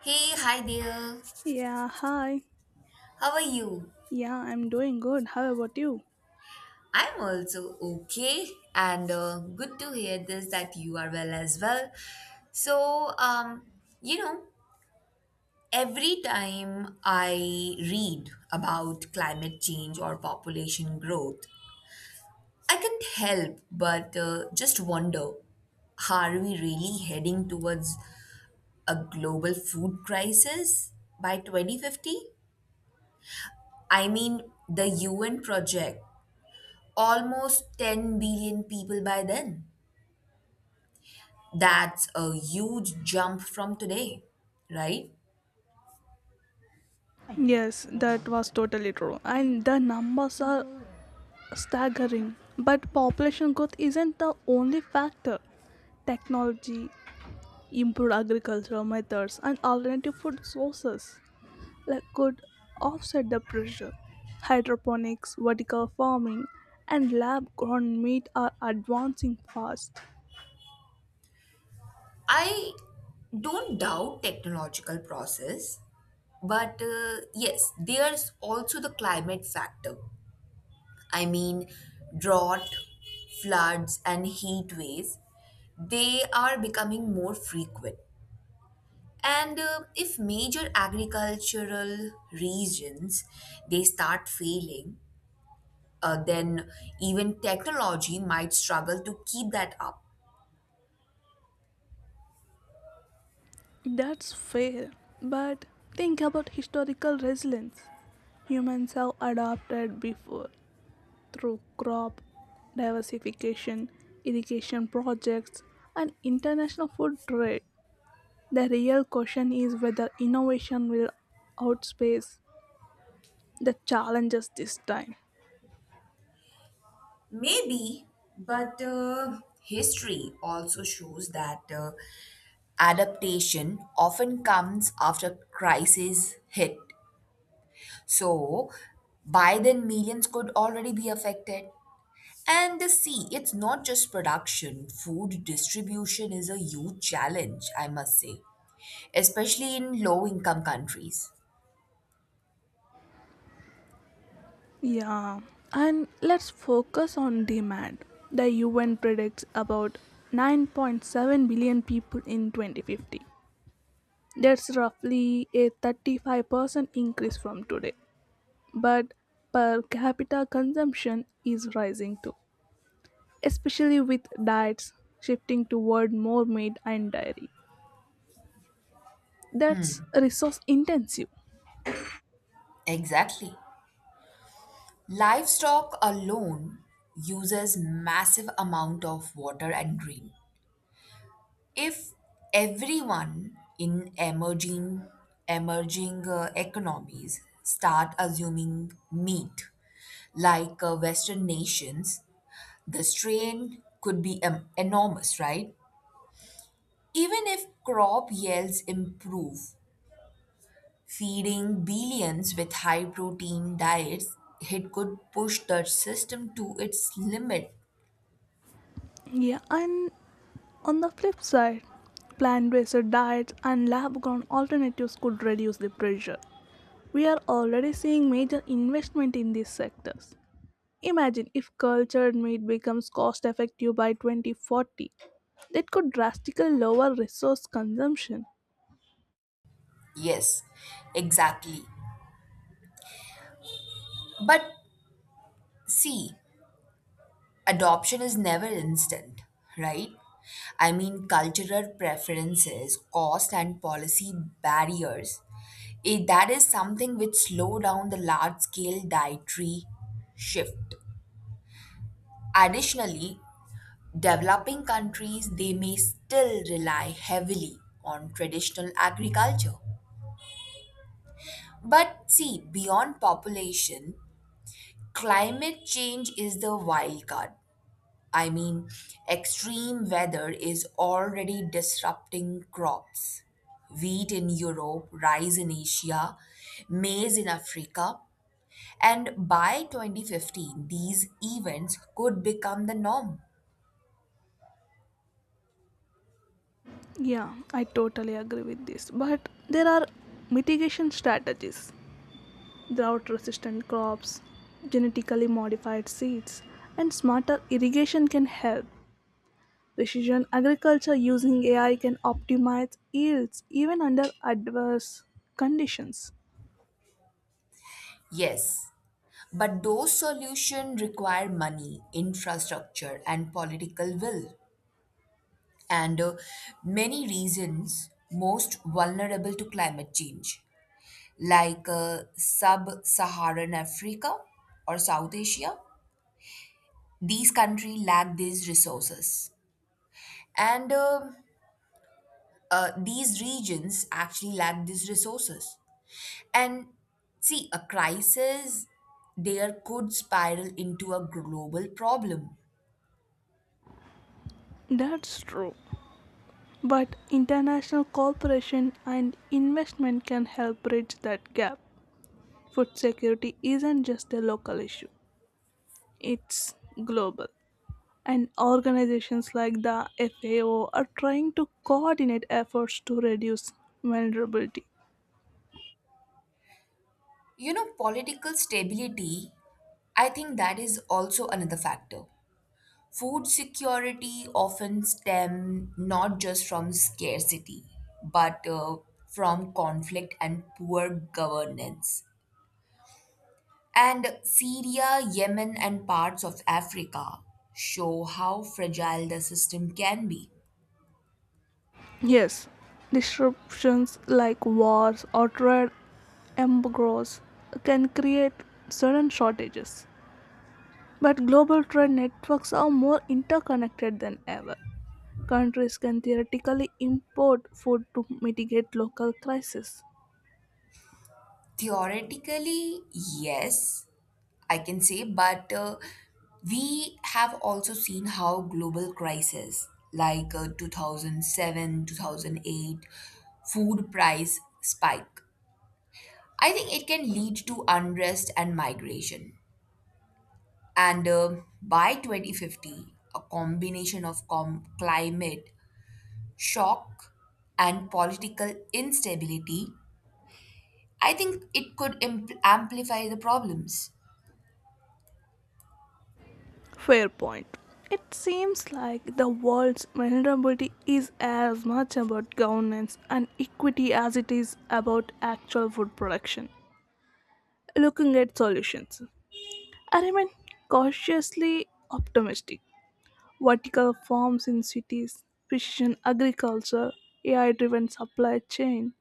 Hey, hi there. Yeah, hi. How are you? Yeah, I'm doing good. How about you? I'm also okay, and good to hear this that you are well as well. So, um, you know, every time I read about climate change or population growth, I can't help but just wonder, are we really heading towards a global food crisis by 2050? I mean, the UN project almost 10 billion people by then. That's a huge jump from today, right? Yes, that was totally true. And the numbers are staggering. But population growth isn't the only factor. Technology, improved agricultural methods, and alternative food sources like could offset the pressure. Hydroponics, vertical farming, and lab grown meat are advancing fast. I don't doubt technological process, but yes, there's also the climate factor. I mean, drought, floods, and heat waves, they are becoming more frequent. And if major agricultural regions they start failing, then even technology might struggle to keep that up. That's fair, but think about historical resilience. Humans have adapted before through crop diversification, irrigation projects, and international food trade. The real question is whether innovation will outpace the challenges this time. Maybe, but history also shows that adaptation often comes after crises hit. So, by then, millions could already be affected. And see, it's not just production, food distribution is a huge challenge, I must say, especially in low income countries. Yeah, and let's focus on demand. The UN predicts about 9.7 billion people in 2050. That's roughly a 35% increase from today, but per capita consumption is rising too, especially with diets shifting toward more meat and dairy. That's resource intensive. Exactly. Livestock alone uses massive amount of water and green. If everyone in emerging economies start assuming meat like western nations, the strain could be enormous, right? Even if crop yields improve, feeding billions with high protein diets, it could push the system to its limit. Yeah, and on the flip side, plant based diets and lab grown alternatives could reduce the pressure. We are already seeing major investment in these sectors. Imagine if cultured meat becomes cost effective by 2040. That could drastically lower resource consumption. Yes, exactly. But see, adoption is never instant, right? I mean, cultural preferences, cost, and policy barriers. Eh, that is something which slow down the large scale dietary shift. Additionally, developing countries they may still rely heavily on traditional agriculture. But see, beyond population, climate change is the wild card. I mean, extreme weather is already disrupting crops. Wheat in Europe, rice in Asia, maize in Africa, and by 2015, these events could become the norm. Yeah, I totally agree with this. But there are mitigation strategies: drought resistant crops, genetically modified seeds, and smarter irrigation can help. Precision agriculture using AI can optimize yields even under adverse conditions. Yes, but those solutions require money, infrastructure, and political will, and many reasons most vulnerable to climate change, like sub-Saharan Africa or South Asia. These countries lack these resources, and these regions actually lack these resources. And see, a crisis there could spiral into a global problem. That's true. But international cooperation and investment can help bridge that gap. Food security isn't just a local issue, it's global, and organizations like the FAO are trying to coordinate efforts to reduce vulnerability. You know, political stability. I think that is also another factor. Food security often stem not just from scarcity, but from conflict and poor governance. And Syria, Yemen, and parts of Africa show how fragile the system can be. Yes, disruptions like wars or trade embargoes can create sudden shortages. But global trade networks are more interconnected than ever. Countries can theoretically import food to mitigate local crises. Theoretically, yes, I can say, but we have also seen how global crises like 2007, 2008 food price spike, I think it can lead to unrest and migration. And by 2050, a combination of climate shock and political instability, I think it could amplify the problems. Fair point. It seems like the world's vulnerability is as much about governance and equity as it is about actual food production. Looking at solutions, I remain cautiously optimistic. Vertical farms in cities, precision agriculture, AI driven supply chain,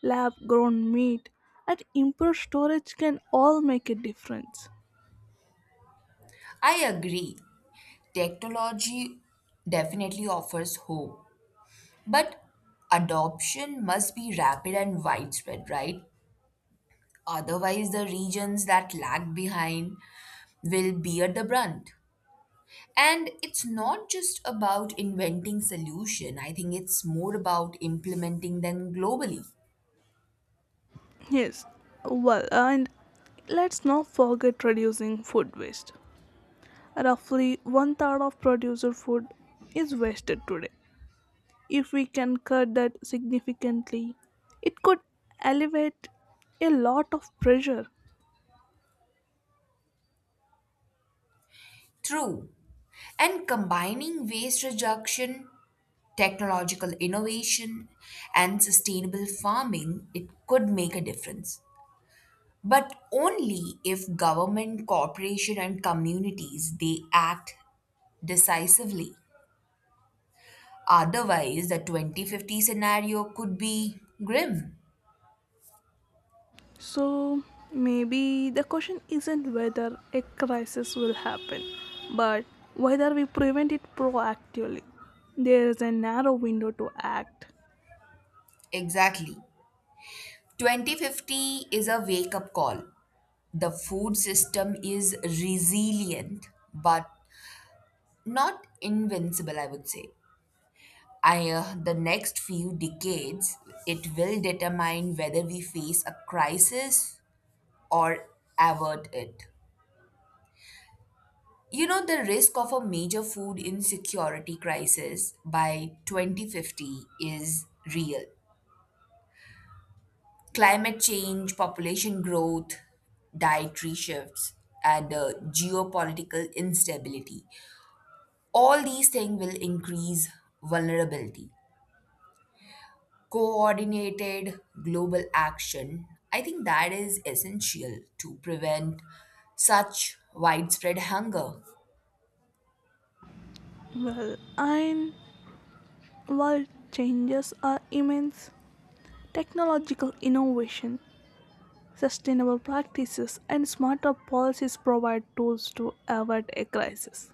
lab grown meat, and improved storage can all make a difference. I agree, technology definitely offers hope, but adoption must be rapid and widespread, right? Otherwise, the regions that lag behind will bear the brunt. And it's not just about inventing solution, I think it's more about implementing them globally. Yes, well, and let's not forget reducing food waste. Roughly one third of producer food is wasted today. If we can cut that significantly, it could alleviate a lot of pressure. True. And combining waste reduction, technological innovation, and sustainable farming, it could make a difference, but only if government corporation and communities they act decisively. Otherwise, the 2050 scenario could be grim. So maybe the question isn't whether a crisis will happen, but whether we prevent it proactively. There is a narrow window to act. Exactly. 2050 is a wake up call. The food system is resilient, but not invincible, I would say. The next few decades, it will determine whether we face a crisis or avert it. You know, the risk of a major food insecurity crisis by 2050 is real. Climate change, population growth, dietary shifts, and geopolitical instability. All these things will increase vulnerability. Coordinated global action, I think that is essential to prevent such widespread hunger. Well, and while changes are immense, technological innovation, sustainable practices, and smarter policies provide tools to avert a crisis.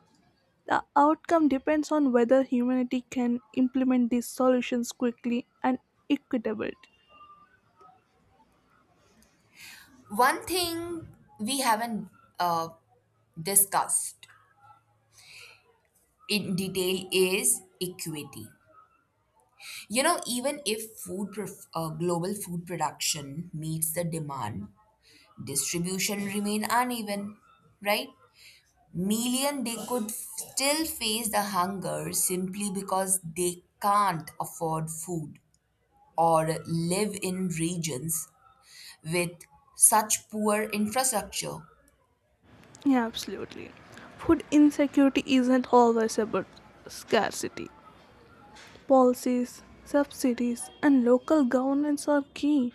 The outcome depends on whether humanity can implement these solutions quickly and equitably. One thing we haven't uh, discussed in detail is equity. You know, even if global food production meets the demand, distribution remain uneven, right? Million they could still face the hunger simply because they can't afford food or live in regions with such poor infrastructure. Yeah, absolutely. Food insecurity isn't always about scarcity. Policies, subsidies, and local governance are key.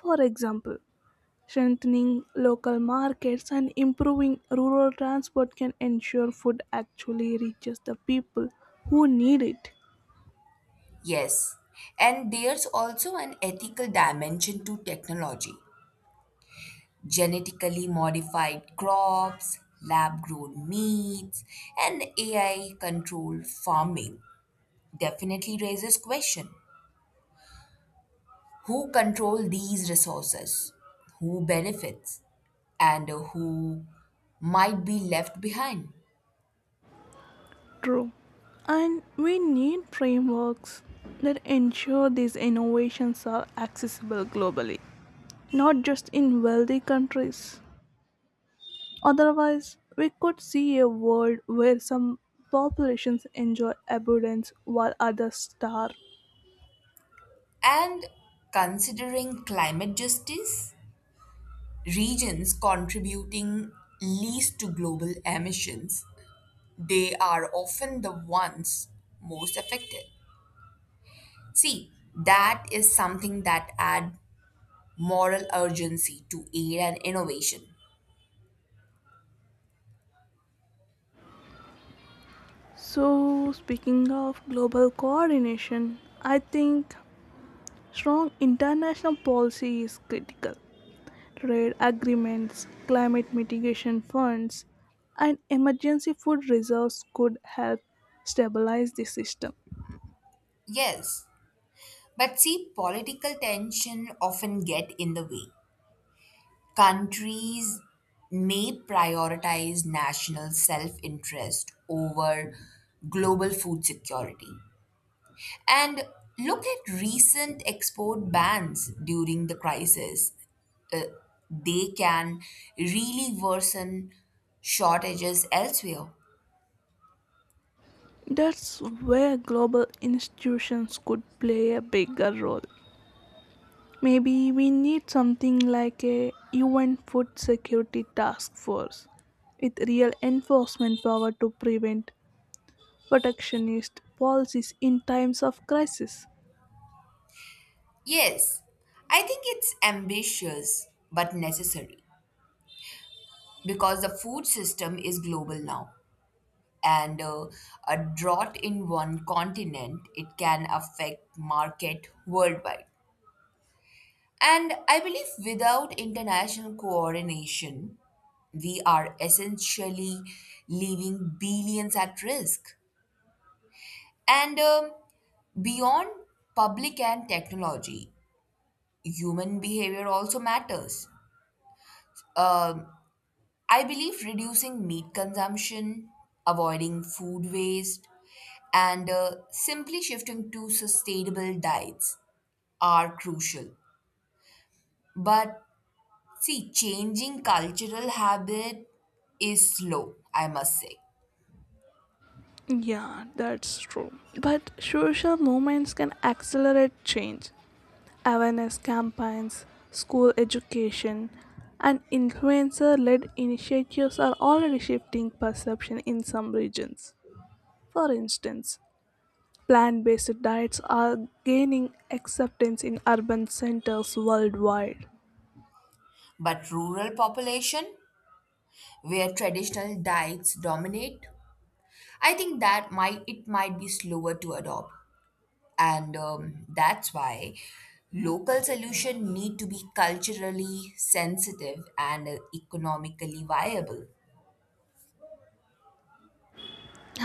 For example, strengthening local markets and improving rural transport can ensure food actually reaches the people who need it. Yes, and there's also an ethical dimension to technology. Genetically modified crops, lab grown meats, and AI controlled farming definitely raises question. Who control these resources? Who benefits? And who might be left behind? True. And we need frameworks that ensure these innovations are accessible globally, not just in wealthy countries. Otherwise, we could see a world where some populations enjoy abundance while others starve. And considering climate justice, regions contributing least to global emissions, they are often the ones most affected. See, that is something that add moral urgency to aid and innovation. So, speaking of global coordination, I think strong international policy is critical. Trade agreements, climate mitigation funds, and emergency food reserves could help stabilize the system. Yes, but see, political tension often get in the way. Countries may prioritize national self-interest over global food security. And look at recent export bans during the crisis. Uh, they can really worsen shortages elsewhere. That's where global institutions could play a bigger role. Maybe we need something like a UN Food Security Task Force with real enforcement power to prevent protectionist policies in times of crisis. Yes, I think it's ambitious but necessary because the food system is global now, and a drought in one continent it can affect market worldwide. And I believe without international coordination, we are essentially leaving billions at risk. And beyond public and technology, human behavior also matters. Um I believe reducing meat consumption, avoiding food waste, and simply shifting to sustainable diets are crucial. But see, changing cultural habit is slow, I must say. Yeah, that's true. But social movements can accelerate change. Awareness campaigns, school education, and influencer led initiatives are already shifting perception in some regions. For instance, plant based diets are gaining acceptance in urban centers worldwide. But rural population, where traditional diets dominate, I think that might it might be slower to adopt. And that's why local solutions need to be culturally sensitive and economically viable.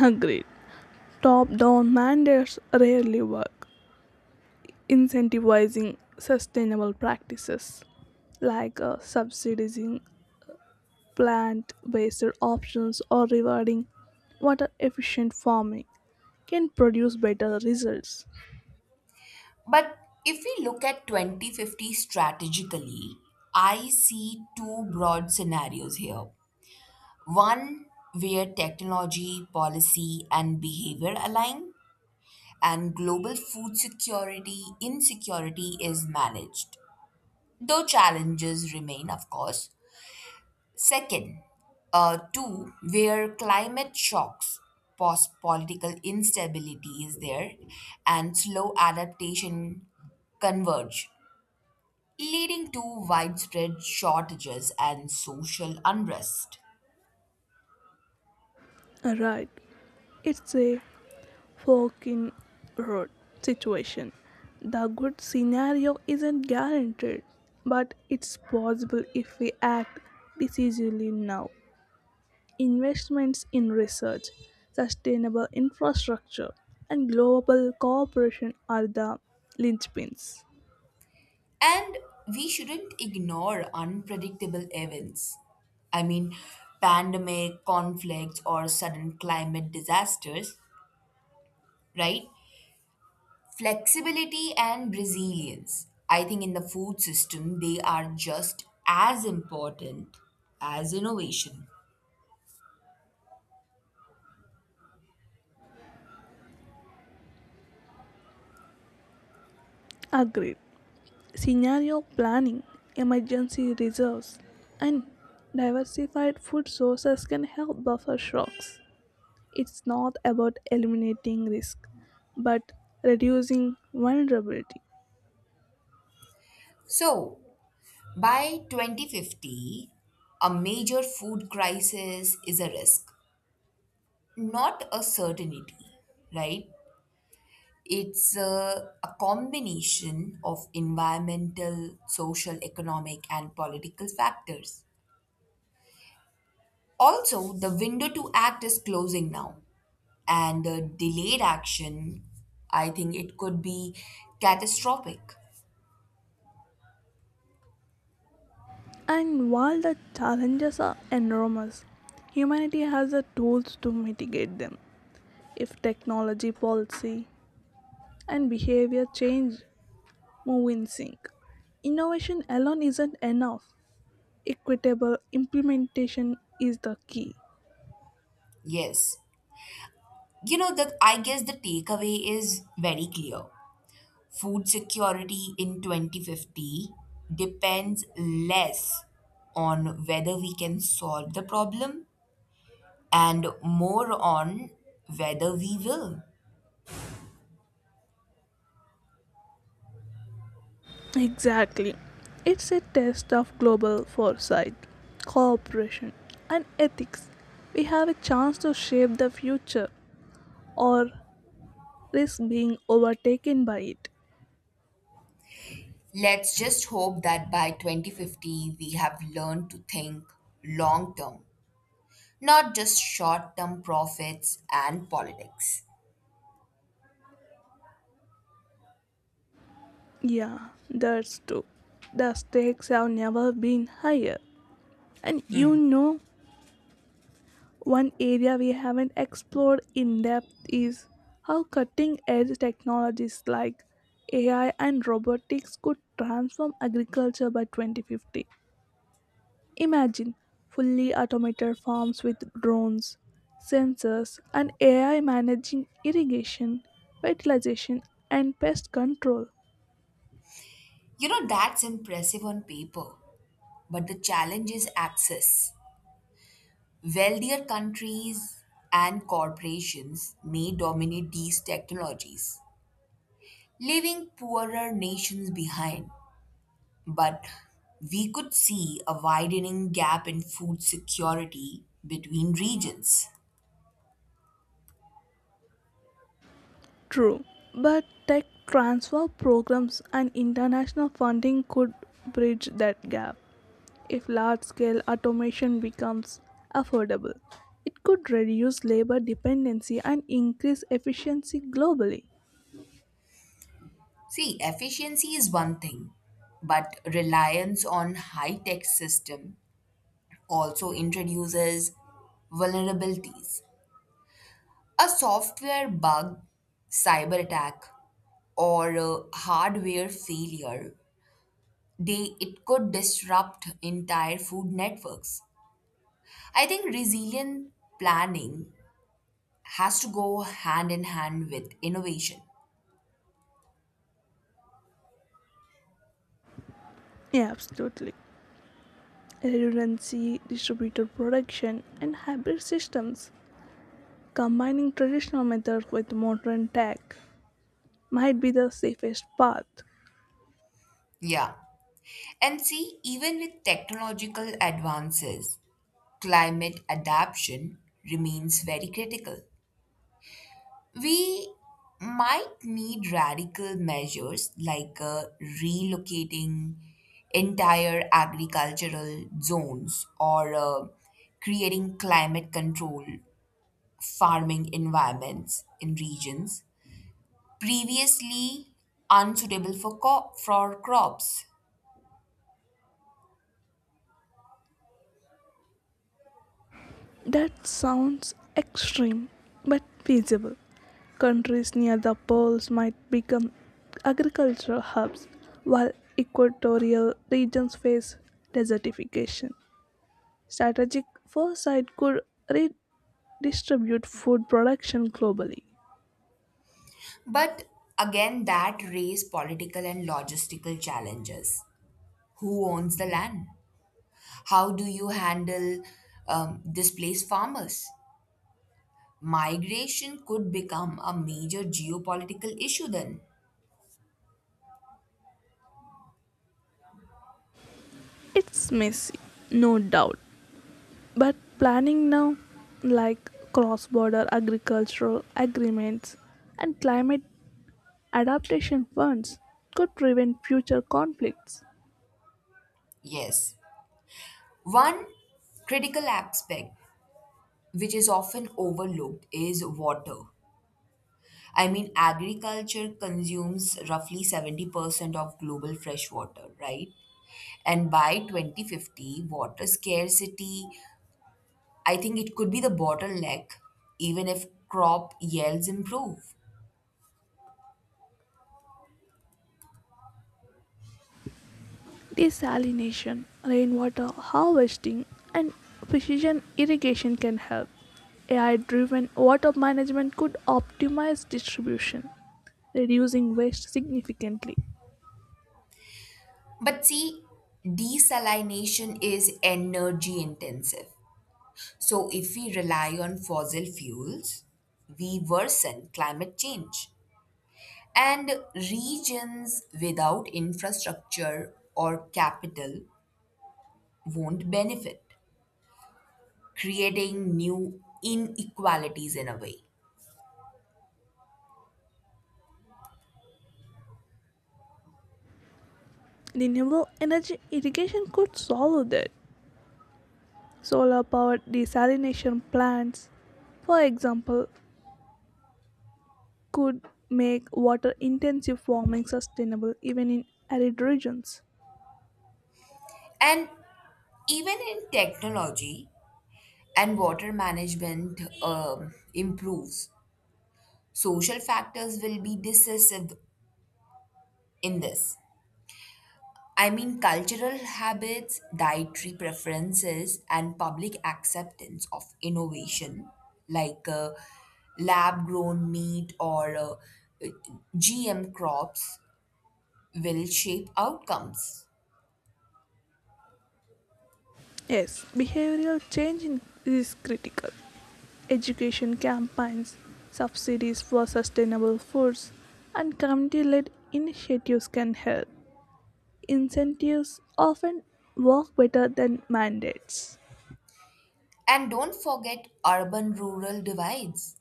Agreed. Top down mandates rarely work. Incentivizing sustainable practices like subsidizing plant-based options or rewarding water efficient farming can produce better results. But if we look at 2050 strategically, I see two broad scenarios here. One, where technology policy and behavior align, and global food security insecurity is managed, though challenges remain of course. Second, two, where climate shocks, post political instability is there, and slow adaptation converge, leading to widespread shortages and social unrest. Right, it's a fork in road situation. The good scenario isn't guaranteed, but it's possible if we act decisively now. Investments in research, sustainable infrastructure, and global cooperation are the linchpins. And we shouldn't ignore unpredictable events. I mean, pandemic, conflicts, or sudden climate disasters, right? Flexibility and resilience. I think in the food system, they are just as important as innovation. Agreed. Scenario planning, emergency reserves, and diversified food sources can help buffer shocks. It's not about eliminating risk, but reducing vulnerability. So, by 2050, a major food crisis is a risk, not a certainty, right? It's a combination of environmental, social, economic, and political factors. Also, the window to act is closing now, and the delayed action, I think it could be catastrophic. And while the challenges are enormous, humanity has the tools to mitigate them if technology, policy, and behavior change move in sync. Innovation alone isn't enough. Equitable implementation is the key. Yes. You know, the I guess the takeaway is very clear. Food security in 2050 depends less on whether we can solve the problem and more on whether we will. Exactly. It's a test of global foresight, cooperation, and ethics. We have a chance to shape the future or risk being overtaken by it. Let's just hope that by 2050 we have learned to think long term, not just short term profits and politics. Yeah, that's true. The stakes have never been higher. And you know, one area we haven't explored in depth is how cutting edge technologies like AI and robotics could transform agriculture by 2050. Imagine fully automated farms with drones, sensors, and AI managing irrigation, fertilization, and pest control. You know, that's impressive on paper, but the challenge is access. Wealthier countries and corporations may dominate these technologies, leaving poorer nations behind. But we could see a widening gap in food security between regions. True, but tech transfer programs and international funding could bridge that gap. If large scale automation becomes affordable, it could reduce labor dependency and increase efficiency globally. See, efficiency is one thing, but reliance on high tech system also introduces vulnerabilities. A software bug, cyber attack, or a hardware failure, they it could disrupt entire food networks. I think resilient planning has to go hand in hand with innovation. Yeah, absolutely. Redundancy, distributed production, and hybrid systems, combining traditional methods with modern tech, might be the safest path. Yeah. And see, even with technological advances, climate adaptation remains very critical. We might need radical measures like relocating entire agricultural zones or creating climate control farming environments in regions previously unsuitable for, for crops. That sounds extreme but feasible. Countries near the poles might become agricultural hubs, while equatorial regions face desertification. Strategic foresight could redistribute food production globally. But again, that raised political and logistical challenges. Who owns the land? How do you handle displaced farmers? Migration could become a major geopolitical issue then. It's messy, no doubt, but planning now, like cross border agricultural agreements and climate adaptation funds, could prevent future conflicts. Yes. One critical aspect which is often overlooked is water. I mean, agriculture consumes roughly 70% of global fresh water, right? And by 2050, water scarcity, I think it could be the bottleneck, even if crop yields improve. Desalination, rainwater harvesting, and precision irrigation can help. AI driven water management could optimize distribution, reducing waste significantly. But see, desalination is energy intensive. So, if we rely on fossil fuels, we worsen climate change. And regions without infrastructure or capital won't benefit, creating new inequalities in a way. Renewable energy irrigation could solve that. Solar powered desalination plants, for example, could make water intensive farming sustainable even in arid regions. And even in technology and water management improves, social factors will be decisive in this. I mean, cultural habits, dietary preferences, and public acceptance of innovation, like lab grown meat or GM crops, will shape outcomes. Yes, behavioral change is critical. Education campaigns, subsidies for sustainable foods, and community led initiatives can help. Incentives often work better than mandates. And don't forget urban rural divides.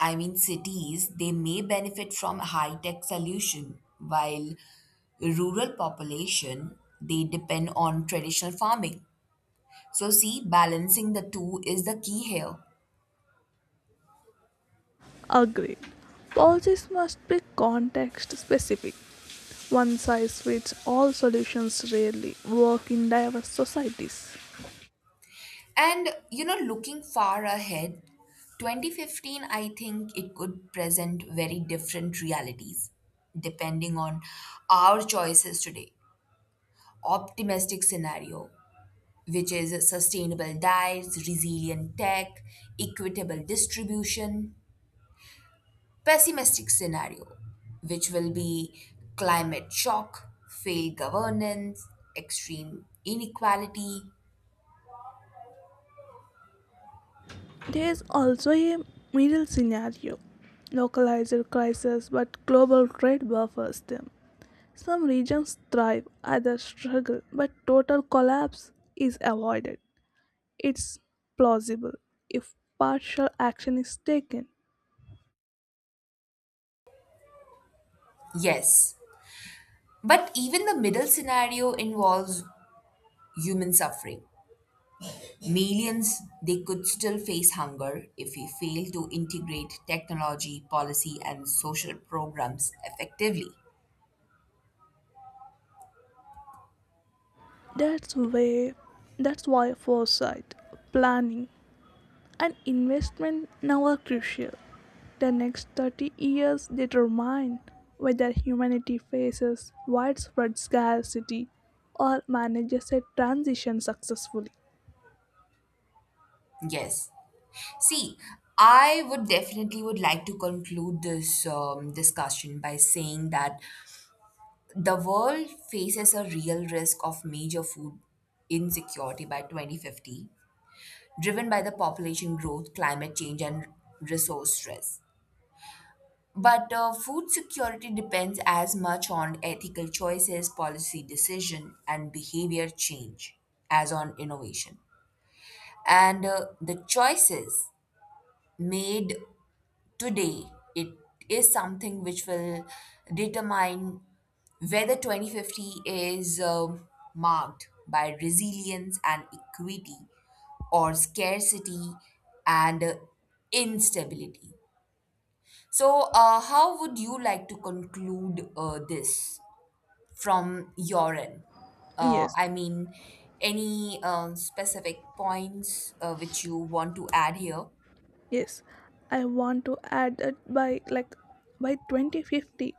I mean, cities, they may benefit from high tech solution, while rural population, they depend on traditional farming. So, see, balancing the two is the key here. Agreed. Policies must be context specific. One size fits all solutions rarely work in diverse societies. And, you know, looking far ahead, 2015, I think it could present very different realities depending on our choices today. Optimistic scenario, which is sustainable diets, resilient tech, equitable distribution. Pessimistic scenario, which will be climate shock, failed governance, extreme inequality. There is also a middle scenario: localized crises, but global trade buffers them. Some regions thrive, others struggle, but total collapse is avoided. It's plausible if partial action is taken. Yes, but even the middle scenario involves human suffering. Millions, they could still face hunger if we fail to integrate technology, policy, and social programs effectively. That's why, that's why foresight, planning, and investment now are crucial. The next 30 years determine whether humanity faces widespread scarcity or manages a transition successfully. Yes. See, I would definitely would like to conclude this discussion by saying that the world faces a real risk of major food insecurity by 2050, driven by the population growth, climate change, and resource stress. But food security depends as much on ethical choices, policy decision, and behavior change as on innovation. And the choices made today, it is something which will determine whether 2050 is marked by resilience and equity or scarcity and instability. So, how would you like to conclude this from your end? Yes, I mean, any specific points which you want to add here? yes. I want to add that by 2050,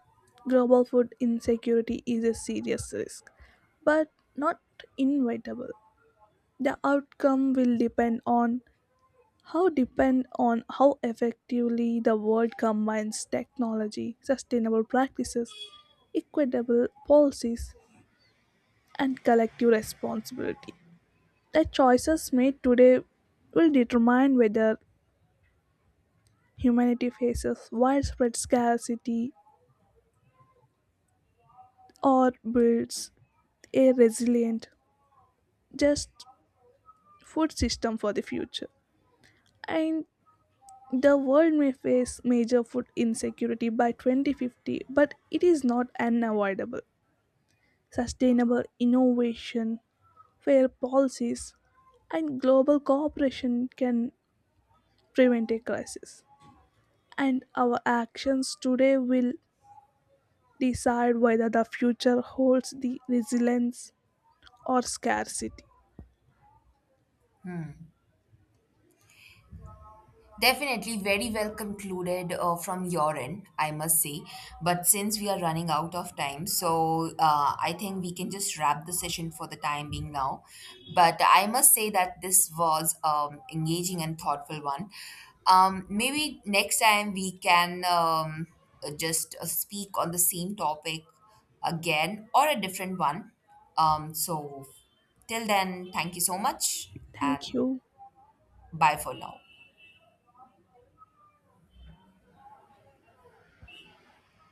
global food insecurity is a serious risk, but not inevitable. The outcome will depend on how effectively the world combines technology, sustainable practices, equitable policies, and collective responsibility. The choices made today will determine whether humanity faces widespread scarcity or builds a resilient, just food system for the future. And the world may face major food insecurity by 2050, but it is not unavoidable. Sustainable innovation, fair policies, and global cooperation can prevent a crisis. And our actions today will decide whether the future holds the resilience or scarcity. Definitely very well concluded from your end, I must say. But since we are running out of time, so I think we can just wrap the session for the time being now. But I must say that this was engaging and thoughtful one. Maybe next time we can just speak on the same topic again or a different one. So till then, thank you so much Thank and you. bye for now.